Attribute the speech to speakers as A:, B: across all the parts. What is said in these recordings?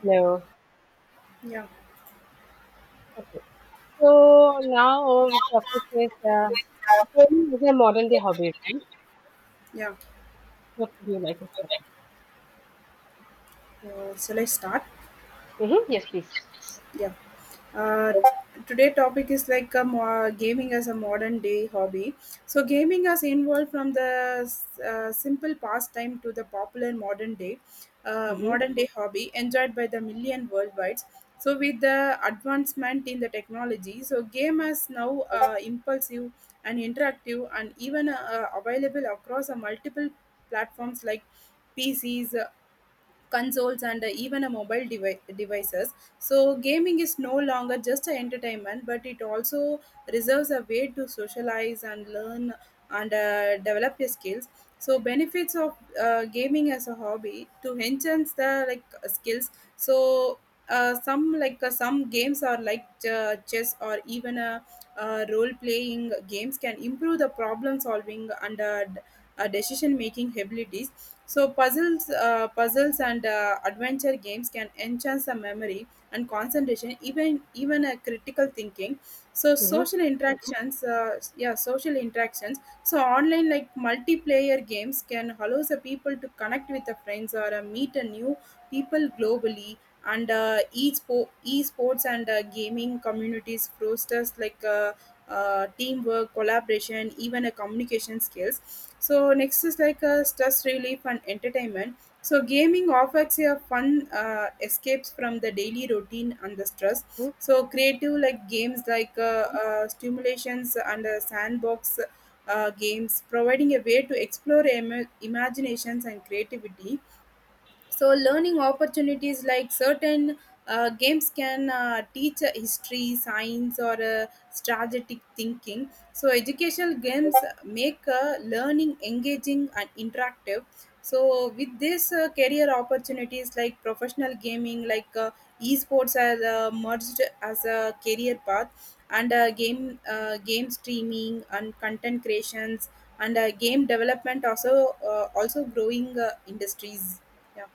A: No.
B: Yeah,
A: Okay. So now the topic is gaming is a modern day hobby, right?
B: yeah.
A: What would you like to start?
B: Shall I start?
A: Mm-hmm. Yes, please.
B: Yeah. Uh, Today topic is like a gaming as a modern day hobby. So gaming has involved from the simple pastime to the popular modern day, uh,
A: Mm-hmm.
B: modern day hobby enjoyed by the million worldwide. So with the advancement in the technology, so game is now impulsive and interactive and even available across a multiple platforms like PCs, consoles, and even a mobile devices so gaming is no longer just an entertainment but it also reserves a way to socialize and learn and develop your skills. So benefits of gaming as a hobby to enhance the like skills. So some like some games are like chess or even a role playing games can improve the problem solving and decision making abilities. So puzzles and adventure games can enhance the memory and concentration, even a critical thinking. So
A: Mm-hmm.
B: social interactions, yeah, social interactions. So online like multiplayer games can allow the people to connect with the friends or meet a new people globally and e-sports and gaming communities fosters like teamwork collaboration even a communication skills. So next is like stress relief and entertainment. So gaming offers a fun escapes from the daily routine and the stress. So creative like games like stimulations and sandbox games providing a way to explore imaginations and creativity. So learning opportunities like certain games can teach history science or strategic thinking. So educational games make learning engaging and interactive. So with this career opportunities like professional gaming like esports are merged as a career path and game streaming and content creations and game development also growing industries. Yeah.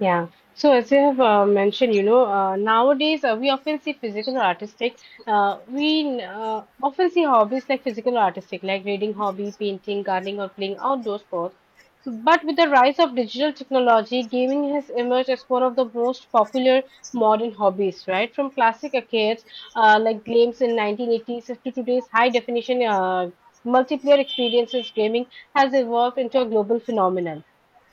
A: Yeah. So as you have mentioned, nowadays we often see physical or artistic. We often see hobbies like physical or artistic, like reading hobby, painting, gardening, or playing outdoor sports. But with the rise of digital technology, gaming has emerged as one of the most popular modern hobbies, right? From classic arcades like games in 1980s to today's high-definition multiplayer experiences, gaming has evolved into a global phenomenon,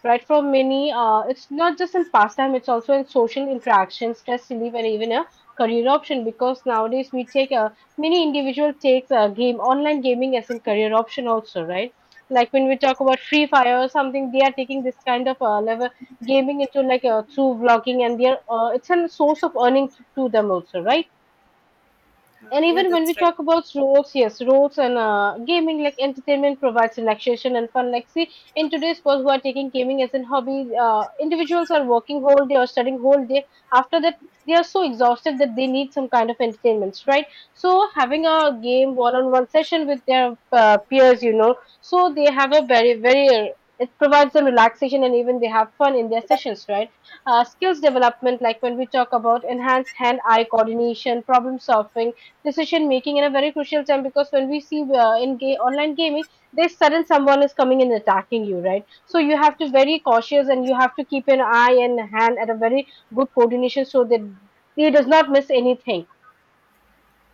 A: right? For many, it's not just in pastime, it's also in social interaction, stress relief, and even a career option. Because nowadays we take a many individual takes a game online gaming as a career option also, right? Like when we talk about Free Fire or something, they are taking this kind of level gaming into like through vlogging, and they're it's a source of earning to them also, right?
B: Uh,
A: And
B: yeah,
A: even when
B: that's
A: we
B: right.
A: talk about roles and gaming, like entertainment provides relaxation and fun. Like, see, in today's world, who are taking gaming as a hobby, individuals are working whole day or studying whole day. After that, they are so exhausted that they need some kind of entertainments, right? So, having a game one-on-one session with their peers, so they have a very, very it provides them relaxation and even they have fun in their sessions, right? Skills development, like when we talk about enhanced hand eye coordination, problem solving, decision making in a very crucial time, because when we see online gaming, there's sudden someone is coming and attacking you, right? So you have to very cautious, and you have to keep an eye and hand at a very good coordination so that he does not miss anything.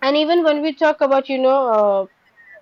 A: And even when we talk about, you know uh,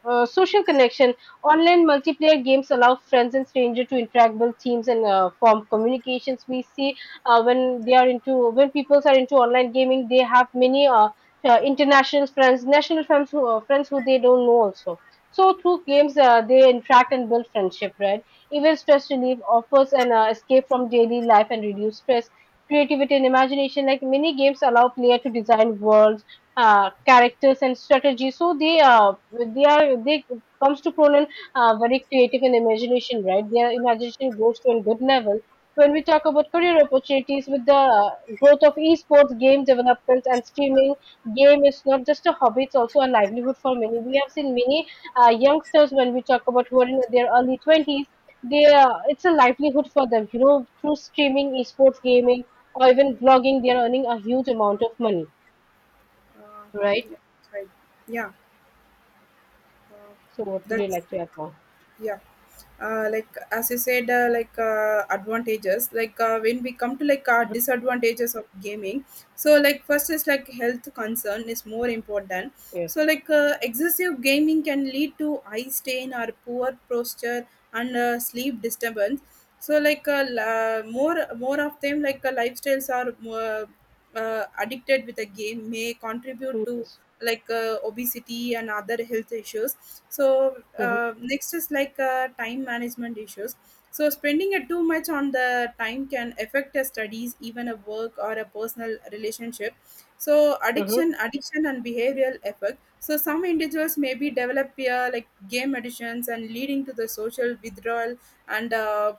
A: uh, social connection. Online multiplayer games allow friends and strangers to interact, build teams, and form communications. We see when people are into online gaming, they have many international friends, national friends who they don't know also. So through games, they interact and build friendship, right? Even stress relief offers an escape from daily life and reduce stress. Creativity and imagination, like many games, allow player to design world characters and strategy. So they comes to Conan, very creative and imagination, right? Their imagination goes to a good level. When we talk about career opportunities with the growth of esports, game development, and streaming, game is not just a hobby; it's also a livelihood for many. We have seen many youngsters when we talk about who are in their early twenties. They it's a livelihood for them. You know, through streaming, esports, gaming, or even blogging, they are earning a huge amount of money,
B: Uh,
A: right?
B: yeah, that's right. Yeah, uh,
A: So what would you
B: that's
A: like to add now?
B: yeah. Like as you said, like advantages. Like when we come to like disadvantages of gaming, so like first is like health concern is more important.
A: Yes,
B: So like excessive gaming can lead to eye strain or poor posture and sleep disturbance. So like more of them like lifestyles are more, addicted with the game may contribute
A: do
B: to
A: this.
B: like obesity and other health issues. So
A: Mm-hmm.
B: next is like time management issues. So spending it too much on the time can affect your studies even a work or a personal relationship. So
A: Mm-hmm.
B: addiction and behavioral effect. So some individuals maybe develop like game addictions and leading to the social withdrawal and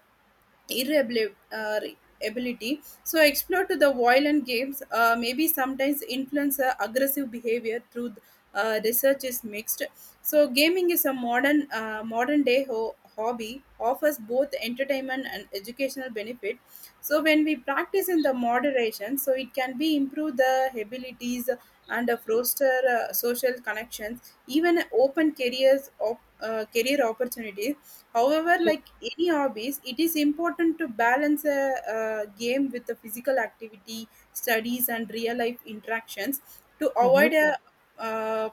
B: irrebil- uh, ability. So explore to the violent games, maybe sometimes influence aggressive behavior through research is mixed. So gaming is a modern day hobby offers both entertainment and educational benefit. So when we practice in the moderation, so it can be improve the abilities and foster social connections, even open career opportunities. However, like any hobbies, it is important to balance a, game with the physical activity, studies, and real life interactions to
A: Mm-hmm.
B: avoid a uh,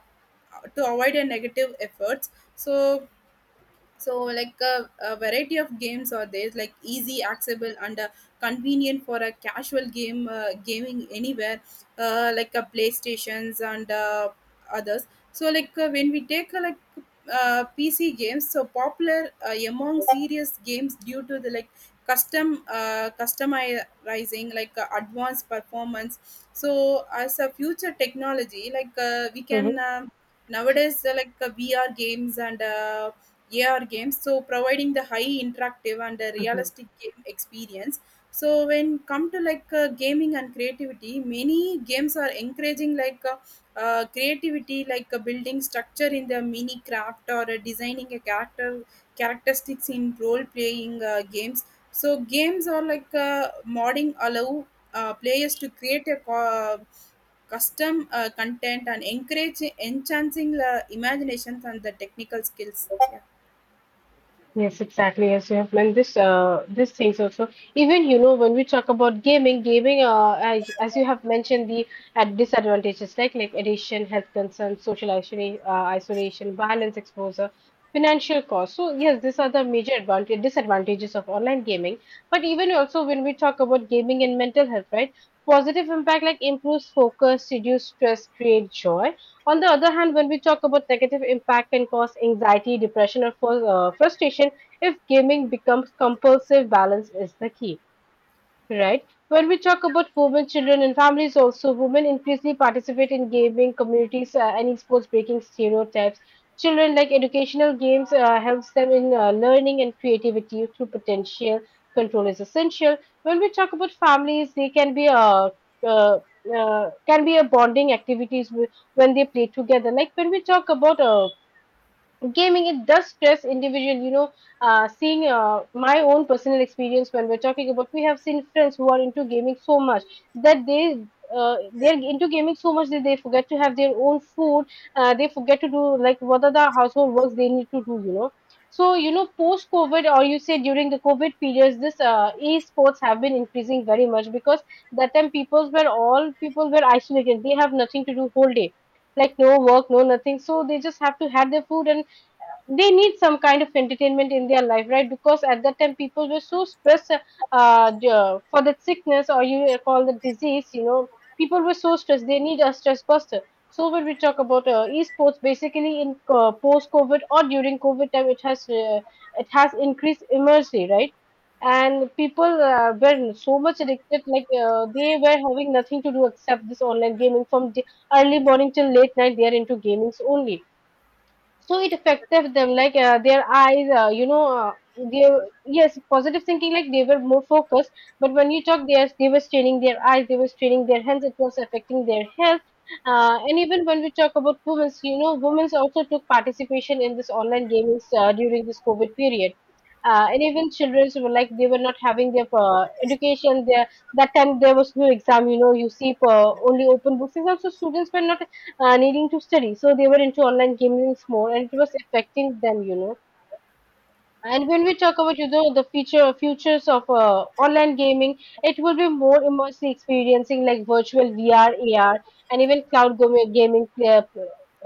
B: negative efforts. So so like a variety of games are there, like easy, accessible, and convenient for a casual game gaming anywhere, like a PlayStations and others. So, like when we take like PC games, so popular among serious games due to the like customizing, like advanced performance. So, as a future technology, like we
A: Mm-hmm.
B: can. Nowadays like VR games and AR games, so providing the high interactive and a
A: Mm-hmm.
B: realistic game experience. So when come to like gaming and creativity, many games are encouraging like creativity, like building structure in the mini craft or designing a character characteristics in role playing games. So games are like modding allow players to create a custom content and encourage enhancing the imaginations and the technical skills. Yeah.
A: Yes, exactly. As you have mentioned, this these things also. Even, you know, when we talk about gaming, as you have mentioned, the ad disadvantages like addiction, health concerns, social isolation, violence exposure, financial costs. So yes, these are the major advantage disadvantages of online gaming. But even also when we talk about gaming and mental health, right? Positive impact like improves focus, reduce stress, create joy. On the other hand, when we talk about negative impact can cause anxiety, depression, or frustration. If gaming becomes compulsive, balance is the key. Right. When we talk about women, children, and families, also women increasingly participate in gaming communities and esports, breaking stereotypes. Children, like, educational games helps them in learning and creativity through potential. Control is essential. When we talk about families, they can be uh, a bonding activities, when they play together. Like when we talk about gaming, it does stress individual, you know. Seeing my own personal experience, when we're talking about, we have seen friends who are into gaming so much that they're into gaming so much that they forget to have their own food. They forget to do, like, what are the household works they need to do, you know. So, you know, post covid or you say during the covid periods, this esports have been increasing very much because that time people were isolated. They have nothing to do whole day, like no work, no nothing, so they just have to have their food, and they need some kind of entertainment in their life, right? Because at that time people were so stressed, for that sickness, or you call the disease, you know, people were so stressed, they need a stress buster. So when we talk about esports basically in post covid or during covid time, it has increased immensely, right? And people were so much addicted. Like, they were having nothing to do except this online gaming. From the early morning till late night, they are into gamings only. So it affected them like their eyes, they — yes, positive thinking, like they were more focused, but when you talk, they were straining their eyes, they were straining their hands, it was affecting their health. And even when we talk about women, you know, women also took participation in this online gaming during this covid period. And even children were, like, they were not having their education. There, that time, there was no exam, you know. You see, only open books, and also students were not needing to study. So they were into online gamings more, and it was affecting them, you know. And when we talk about, you know, the futures of online gaming, it will be more immersive experiencing like virtual VR, AR, and even cloud gaming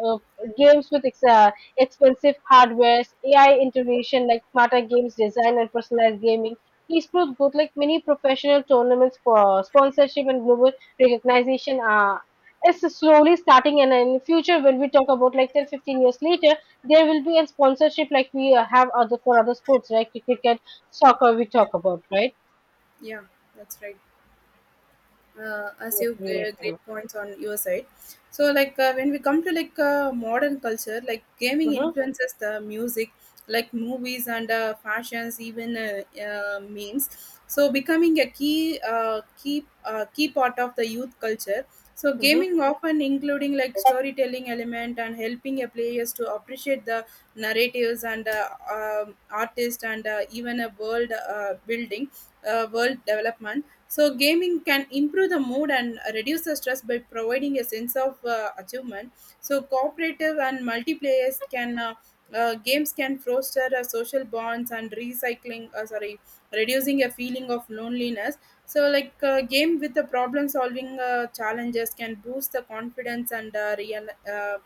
A: uh, games with expensive hardware, AI integration like smarter games design and personalized gaming. Esports both, like, many professional tournaments for sponsorship and global recognition are. It's slowly starting, and in future, when we talk about like 10 to 15 years later, there will be a sponsorship, like we have other for other sports like cricket, soccer we talk about, right?
B: Yeah, that's right. As
A: What
B: you
A: would you like to
B: great
A: know?
B: points on your side. So like when we come to like modern culture like gaming
A: Mm-hmm.
B: influences the music like movies and fashions even memes, so becoming a key part of the youth culture. So
A: Mm-hmm.
B: gaming often including like storytelling element and helping a players to appreciate the narratives and um artist and even a world building, world development. So, gaming can improve the mood and reduce the stress by providing a sense of achievement. So, cooperative and multiplayers can games can foster social bonds and recycling. Reducing a feeling of loneliness. So, like game with the problem solving challenges can boost the confidence and real,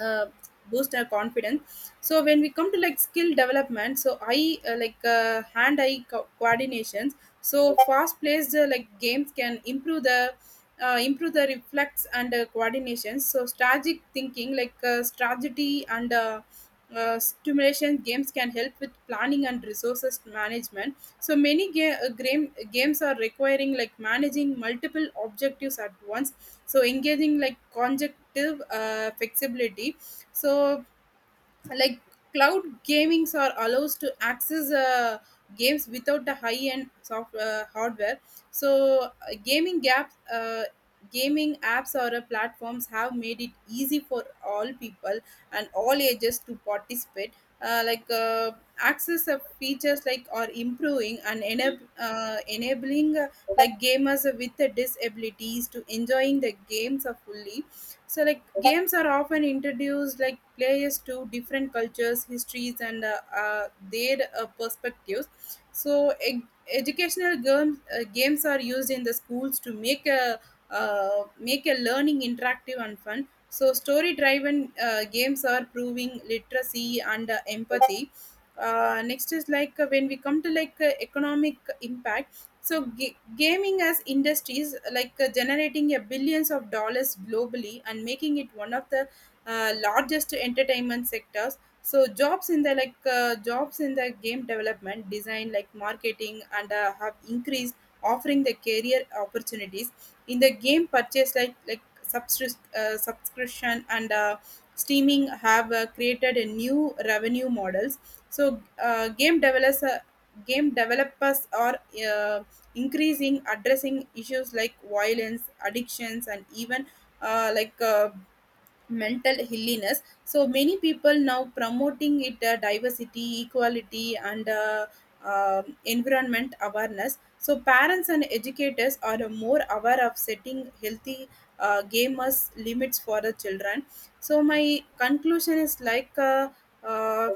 B: uh, boost our confidence. So when we come to like skill development, so eye like hand eye coordinations. So fast paced like games can improve the reflex and coordination. So strategic thinking like strategy and stimulation games can help with planning and resources management. So games are requiring like managing multiple objectives at once, so engaging like conjunctive flexibility. So like cloud gamings are allows to access games without the high end soft hardware. So gaming apps or platforms have made it easy for all people and all ages to participate. Like access of features like are improving and enabling like gamers with disabilities to enjoying the games fully. So like games are often introduced like players to different cultures histories and their perspectives. So educational games are used in the schools to make a learning interactive and fun. So story driven games are proving literacy and empathy. Next is like when we come to like economic impact. So gaming as industries like generating a billions of dollars globally and making it one of the largest entertainment sectors. So jobs in the game development design like marketing and have increased offering the career opportunities in the game purchase like subscription and streaming have created a new revenue models. So game developers are uh, increasing addressing issues like violence addictions and even uh, like uh, mental illness. So many people now promoting it diversity equality and environment awareness. So parents and educators are more aware of setting healthy gamers limits for the children. So my conclusion is like uh,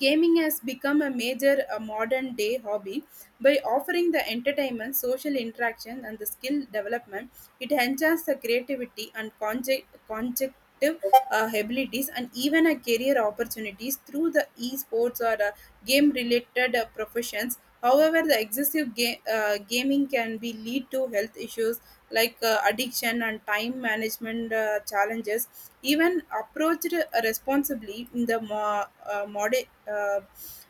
B: gaming has become a major modern day hobby by offering the entertainment, social interaction, and the skill development. It enhances the creativity and conjective abilities and even a career opportunities through the esports or game related professions. However, the excessive gaming can be lead to health issues like addiction and time management challenges, even approached responsibly in the uh, mod- uh,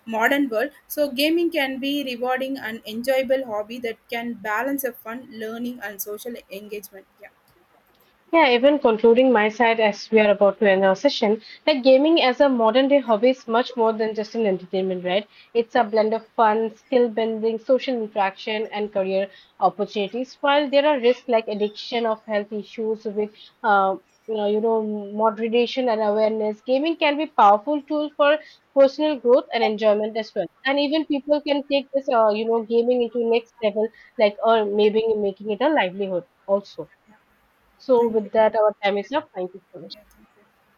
B: modern world. So gaming can be rewarding and enjoyable hobby that can balance a fun learning and social engagement. Yeah,
A: Yeah, even concluding my side as we are about to end our session, like gaming as a modern day hobby is much more than just an entertainment, right? It's a blend of fun, skill building, social interaction, and career opportunities. While there are risks like addiction of health issues with, moderation and awareness, gaming can be powerful tool for personal growth and enjoyment as well. And even people can take this, gaming into next level, like or maybe making it a livelihood also. So
B: thank you.
A: with that, our time is up. Thank you so much.
B: Yeah, thank you.